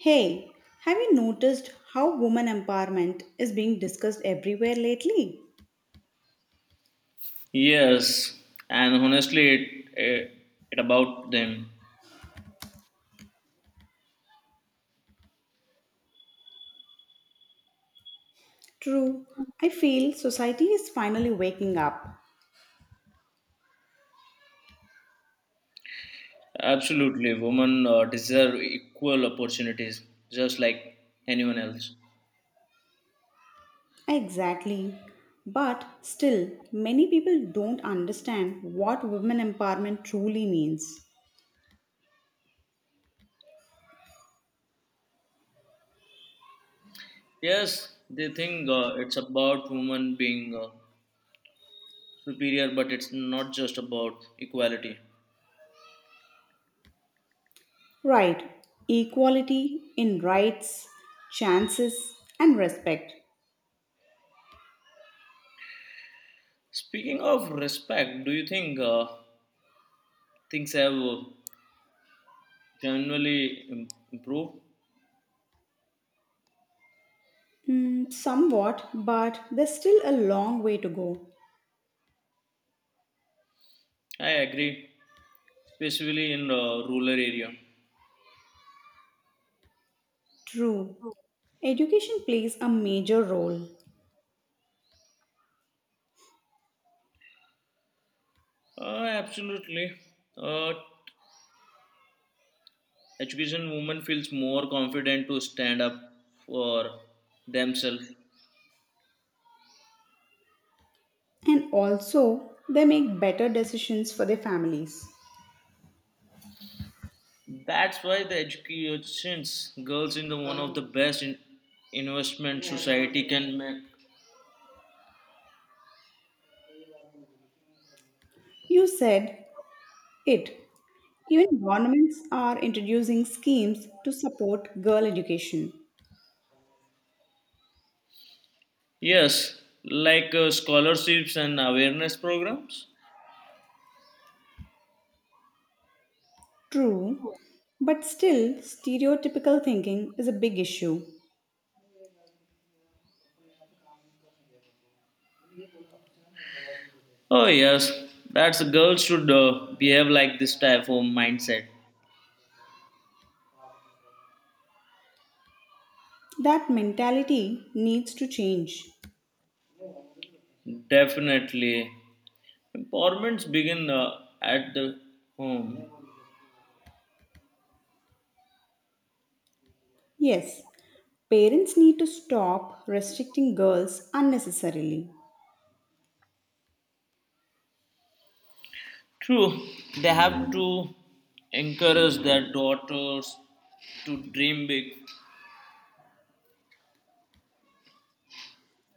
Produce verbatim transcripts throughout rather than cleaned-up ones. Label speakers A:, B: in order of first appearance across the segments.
A: Hey, have you noticed how woman empowerment is being discussed everywhere lately?
B: Yes, and honestly, it it, it about them.
A: True, I feel society is finally waking up.
B: Absolutely, women uh, deserve equal opportunities, just like anyone else.
A: Exactly. But still, many people don't understand what women empowerment truly means.
B: Yes, they think uh, it's about women being uh, superior, but it's not just about equality.
A: Right, equality in rights, chances, and respect.
B: Speaking of respect, do you think uh, things have uh, generally im- improved?
A: Mm, somewhat, but there's still a long way to go.
B: I agree especially in the rural area.
A: True, education plays a major role.
B: Uh, absolutely. Uh, Education woman feels more confident to stand up for themselves.
A: And also they make better decisions for their families.
B: That's why the educations girls in the one of the best in investment society can make.
A: You said it. Even governments are introducing schemes to support girl education.
B: Yes, like uh, scholarships and awareness programs.
A: True, but still, stereotypical thinking is a big issue.
B: Oh yes, that's girls should uh, behave like this type of mindset.
A: That mentality needs to change.
B: Definitely, empowerments begin uh, at the home.
A: Yes, parents need to stop restricting girls unnecessarily.
B: True, they have to encourage their daughters to dream big.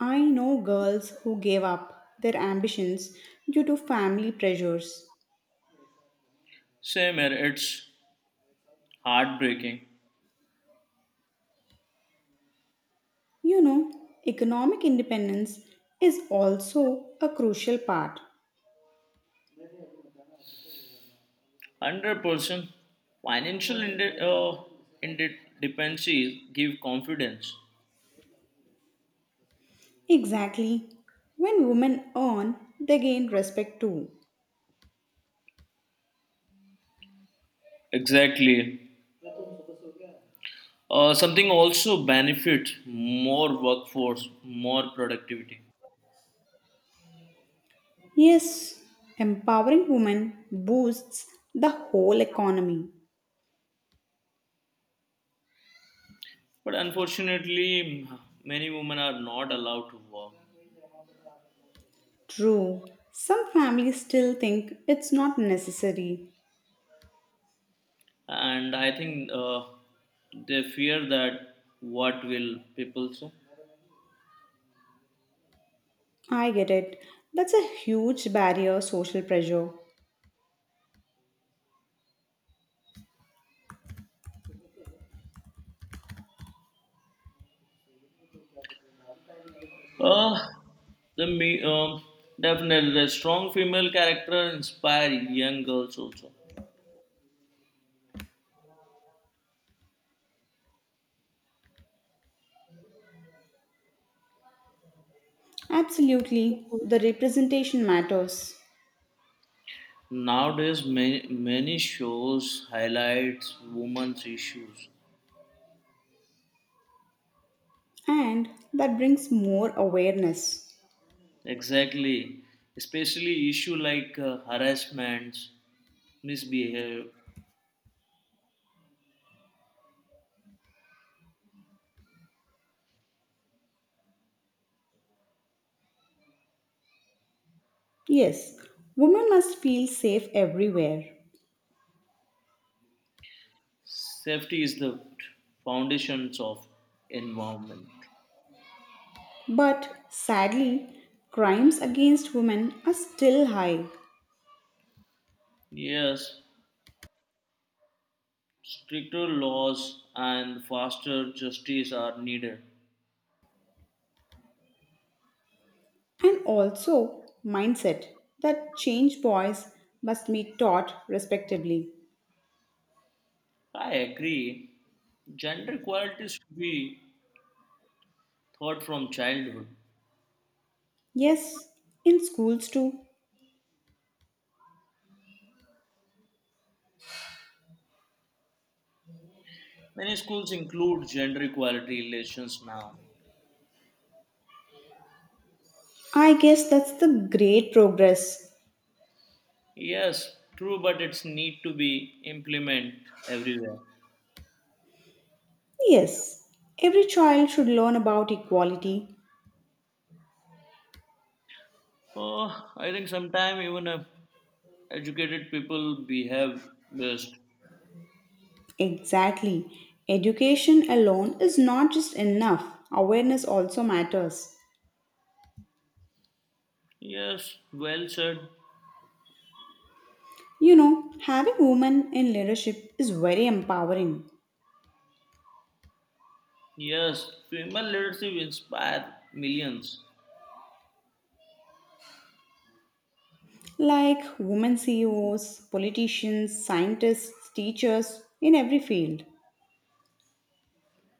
A: I know girls who gave up their ambitions due to family pressures.
B: Same here, it's heartbreaking.
A: You know, economic independence is also a crucial part.
B: one hundred percent financial inde- uh, independency give confidence.
A: Exactly. When women earn, they gain respect too.
B: Exactly. Uh, something also benefit more workforce, more productivity.
A: Yes, empowering women boosts the whole economy.
B: But unfortunately, many women are not allowed to work.
A: True, some families still think it's not necessary.
B: And I think uh, they fear that what will people say.
A: I get it. That's a huge barrier, social pressure.
B: Uh, the me um, Definitely the strong female character inspire young girls also.
A: Absolutely, the representation matters.
B: Nowadays, many many shows highlights women's issues.
A: And that brings more awareness.
B: Exactly, especially issue like uh, harassments, misbehavior.
A: Yes, women must feel safe everywhere.
B: Safety is the foundations of environment.
A: But sadly, crimes against women are still high.
B: Yes, stricter laws and faster justice are needed.
A: And also, mindset that change boys must be taught respectively.
B: I agree. Gender equality should be taught from childhood.
A: Yes, in schools too.
B: Many schools include gender equality lessons now.
A: I guess that's the great progress.
B: Yes, true, but it's need to be implemented everywhere.
A: Yes, every child should learn about equality.
B: Oh, I think sometimes even uh, educated people behave best.
A: Exactly. Education alone is not just enough, awareness also matters.
B: Yes, well said.
A: You know, having women in leadership is very empowering.
B: Yes, female leadership inspire millions.
A: Like women C E Os, politicians, scientists, teachers in every field.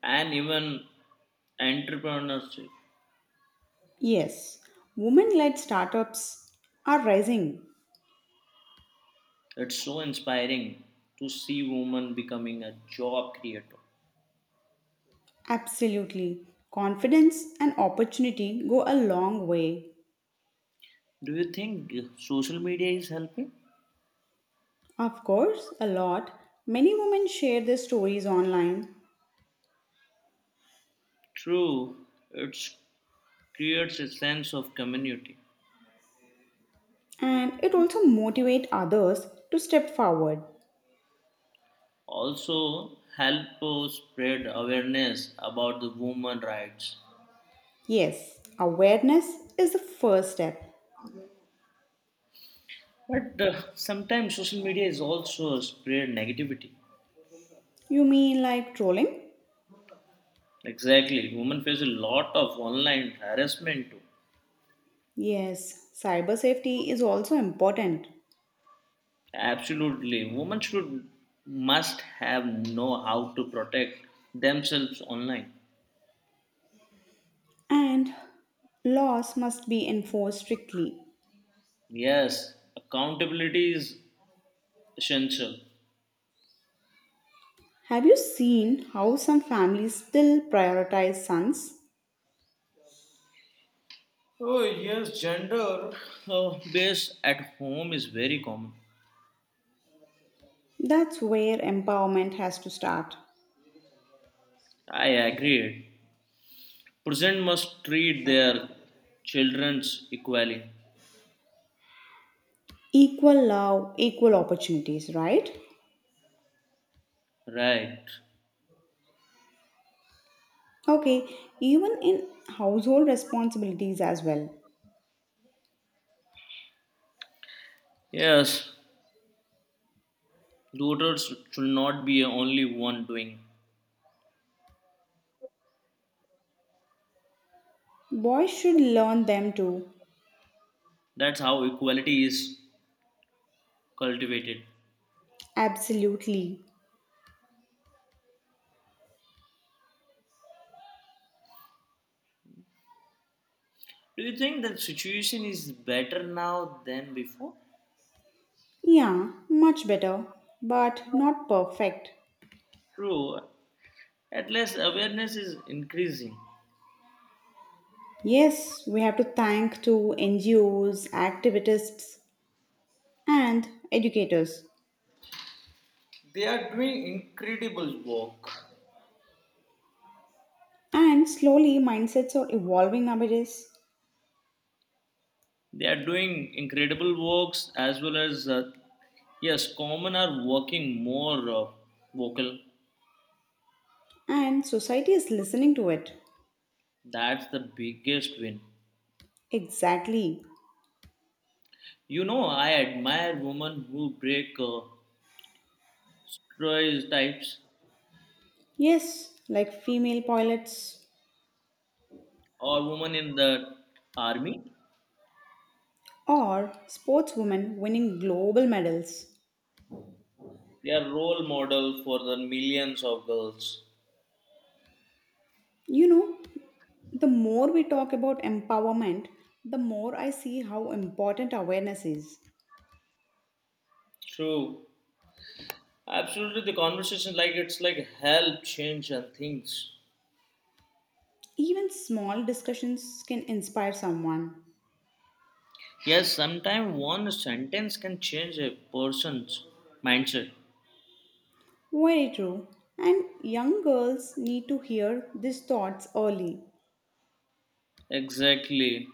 B: And even entrepreneurship.
A: Yes, women led startups are rising.
B: It's so inspiring to see women becoming a job creator.
A: Absolutely. Confidence and opportunity go a long way.
B: Do you think social media is helping?
A: Of course, a lot. Many women share their stories online,
B: True, it creates a sense of community.
A: and it also motivates others to step forward.
B: Also, help us spread awareness about the women rights.
A: Yes, awareness is the first step.
B: But uh, sometimes social media is also spread negativity.
A: You mean like trolling?
B: Exactly, women face a lot of online harassment too.
A: Yes, cyber safety is also important.
B: Absolutely. Women should must have know how to protect themselves online.
A: And laws must be enforced strictly.
B: Yes, accountability is essential.
A: Have you seen how some families still prioritize sons?
B: Oh, yes. So base at home is very common.
A: That's where empowerment has to start.
B: I agree. Parents must treat their children's equally.
A: Equal love, equal opportunities, right?
B: Right.
A: Okay, even in household responsibilities as well.
B: Yes. Daughters should not be only one doing.
A: Boys should learn them too.
B: That's how equality is cultivated.
A: Absolutely.
B: Do you think that situation is better now than before?
A: Yeah, much better, but not perfect.
B: True, at least awareness is increasing.
A: Yes, we have to thank to N G Os, activists, and educators.
B: They are doing incredible work.
A: And slowly mindsets are evolving nowadays,
B: They are doing incredible works as well as, uh, yes, common are working more uh, vocal.
A: and society is listening to it.
B: That's the biggest win.
A: Exactly.
B: You know, I admire women who break uh, stereotypes
A: Yes, like female pilots
B: or women in the army.
A: or sportswomen winning global medals.
B: They are role model for the millions of girls.
A: You know, the more we talk about empowerment, the more I see how important awareness is.
B: True. Absolutely, the conversation like it's like help change and things.
A: Even small discussions can inspire someone.
B: Yes, sometimes one sentence can change a person's mindset.
A: Very true. And young girls need to hear these thoughts early.
B: Exactly.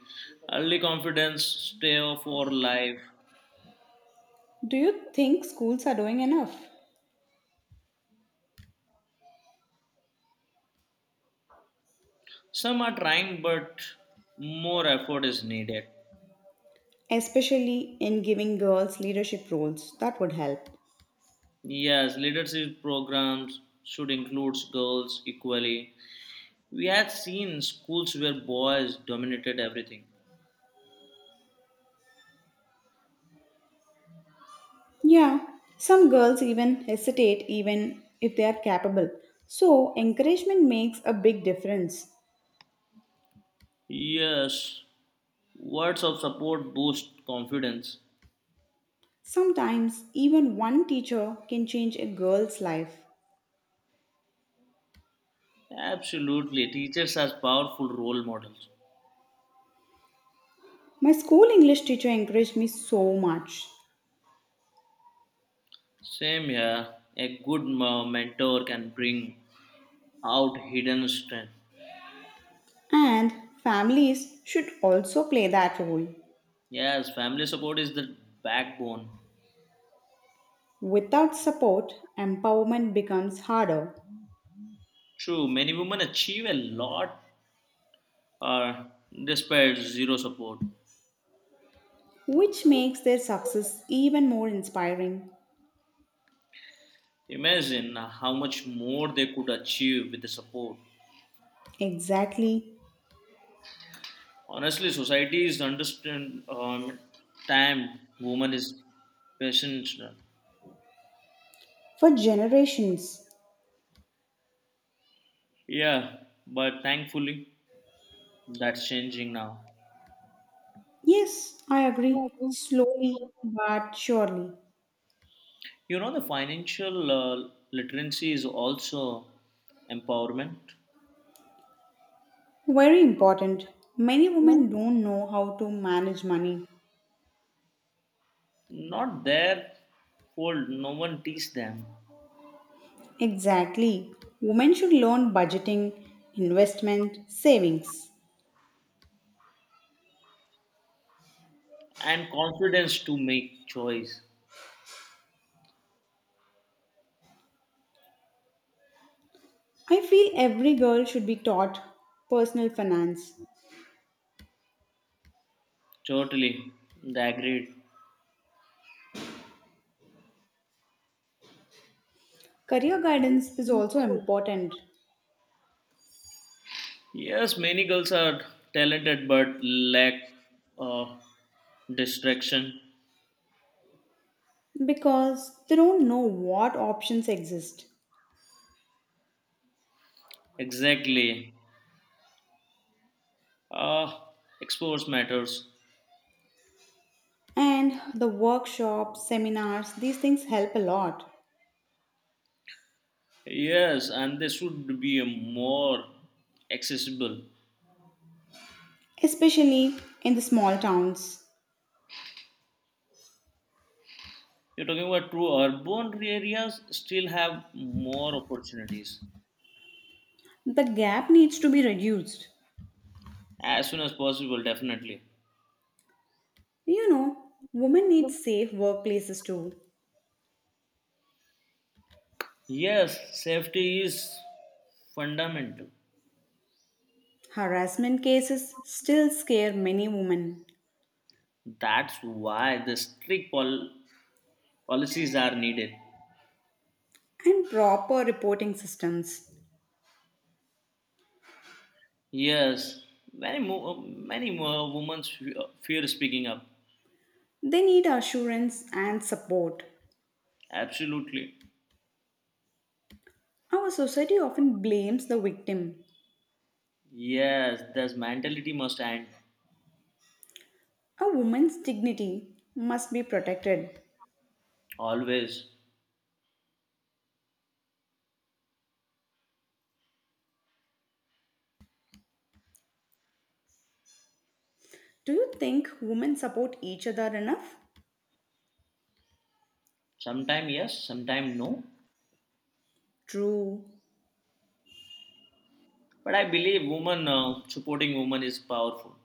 B: Early confidence, stay off or life.
A: Do you think schools are doing enough?
B: Some are trying, but more effort is needed.
A: Especially in giving girls leadership roles, that would help.
B: Yes, leadership programs should include girls equally. We had seen schools where boys dominated everything.
A: Yeah, some girls even hesitate even if they are capable. So, encouragement makes a big difference.
B: Yes, words of support boost confidence.
A: Sometimes, even one teacher can change a girl's life.
B: Absolutely, teachers are powerful role models.
A: My school English teacher encouraged me so much.
B: Same here, a good m- mentor can bring out hidden strength.
A: And families should also play that role.
B: Yes, family support is the backbone.
A: Without support, empowerment becomes harder,
B: True, many women achieve a lot uh, despite zero support.
A: which makes their success even more inspiring.
B: Imagine uh, how much more they could achieve with the support.
A: Exactly,
B: Honestly, society is understand um, time woman is patient.
A: for generations.
B: Yeah, but thankfully that's changing now.
A: Yes, I agree. Slowly but surely.
B: You know the financial uh, literacy is also empowerment.
A: Very important. Many women don't know how to manage money.
B: Not their fault. No one teach them
A: Exactly. Women should learn budgeting, investment, savings.
B: and confidence to make choice.
A: I feel every girl should be taught personal finance.
B: Totally, they agreed.
A: Career guidance is also important,
B: Yes, many girls are talented but lack uh, distraction.
A: because they don't know what options exist.
B: Exactly. Uh, exports matters.
A: And the workshops, seminars, these things help a lot,
B: Yes, and they should be more accessible.
A: especially in the small towns.
B: You're talking about true urban areas still have more opportunities
A: The gap needs to be reduced.
B: as soon as possible, definitely.
A: You know, women need safe workplaces too.
B: Yes, safety is fundamental.
A: Harassment cases still scare many women,
B: That's why the strict pol- policies are needed.
A: and proper reporting systems.
B: Yes, many more, many more women fear speaking up.
A: They need assurance and support.
B: Absolutely.
A: Our society often blames the victim.
B: Yes, this mentality must end
A: A woman's dignity must be protected.
B: always.
A: Do you think women support each other enough?
B: Sometime yes, sometime no.
A: True.
B: But I believe woman uh, supporting woman is powerful.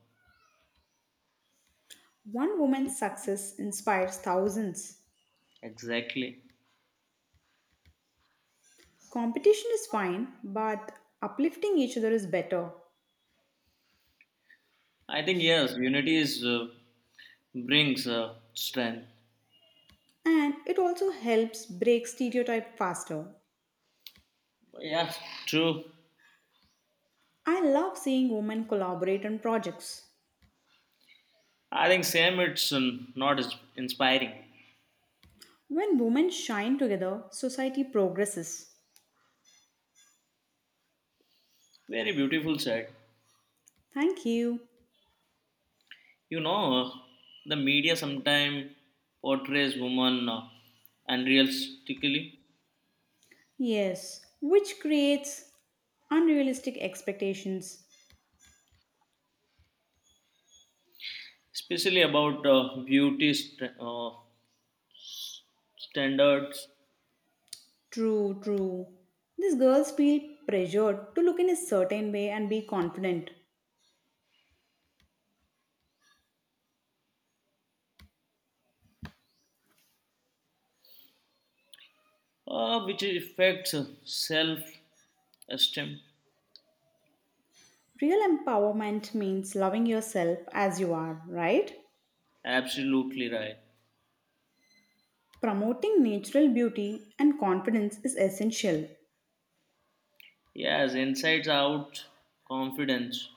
A: One woman's success inspires thousands.
B: Exactly.
A: Competition is fine, but uplifting each other is better.
B: I think yes, unity is uh, brings uh, strength.
A: And it also helps break stereotype faster.
B: Yeah, true.
A: I love seeing women collaborate on projects.
B: I think same. It's um, not as inspiring.
A: When women shine together, society progresses.
B: Very beautiful said.
A: Thank you.
B: You know, uh, the media sometimes portrays women uh, unrealistically,
A: Yes, which creates unrealistic expectations.
B: especially about uh, beauty, str- uh, standards,
A: True, true. These girls feel pressured to look in a certain way and be confident.
B: uh, which affects self esteem.
A: Real empowerment means loving yourself as you are, right?
B: Absolutely right.
A: Promoting natural beauty and confidence is essential.
B: Yes, insights out, confidence.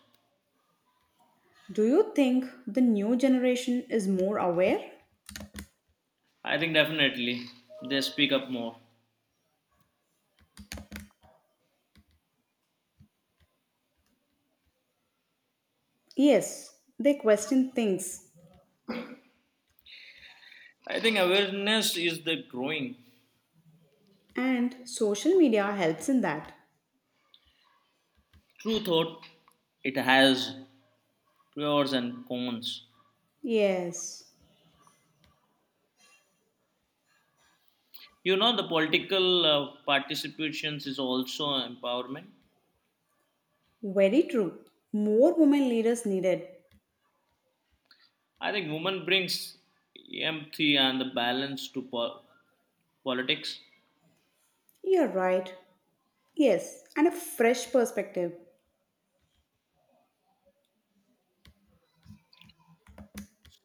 A: Do you think the new generation is more aware?
B: I think definitely they speak up more.
A: Yes, they question things,
B: I think awareness is the growing.
A: and social media helps in that.
B: True thought, it has pros and cons.
A: Yes,
B: You know, the political uh, participations is also empowerment.
A: very true. More women leaders needed.
B: I think women brings empathy and the balance to po- politics.
A: You're right. Yes, and a fresh perspective.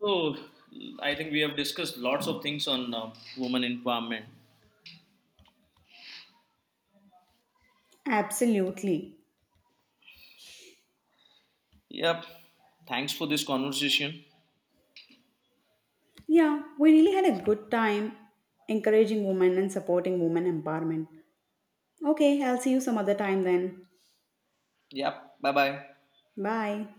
B: So, I think we have discussed lots of things on uh, women empowerment.
A: Absolutely.
B: Yep. Thanks for this conversation.
A: Yeah, we really had a good time encouraging women and supporting women empowerment. Okay, I'll see you some other time then.
B: Yep. Bye bye.
A: Bye.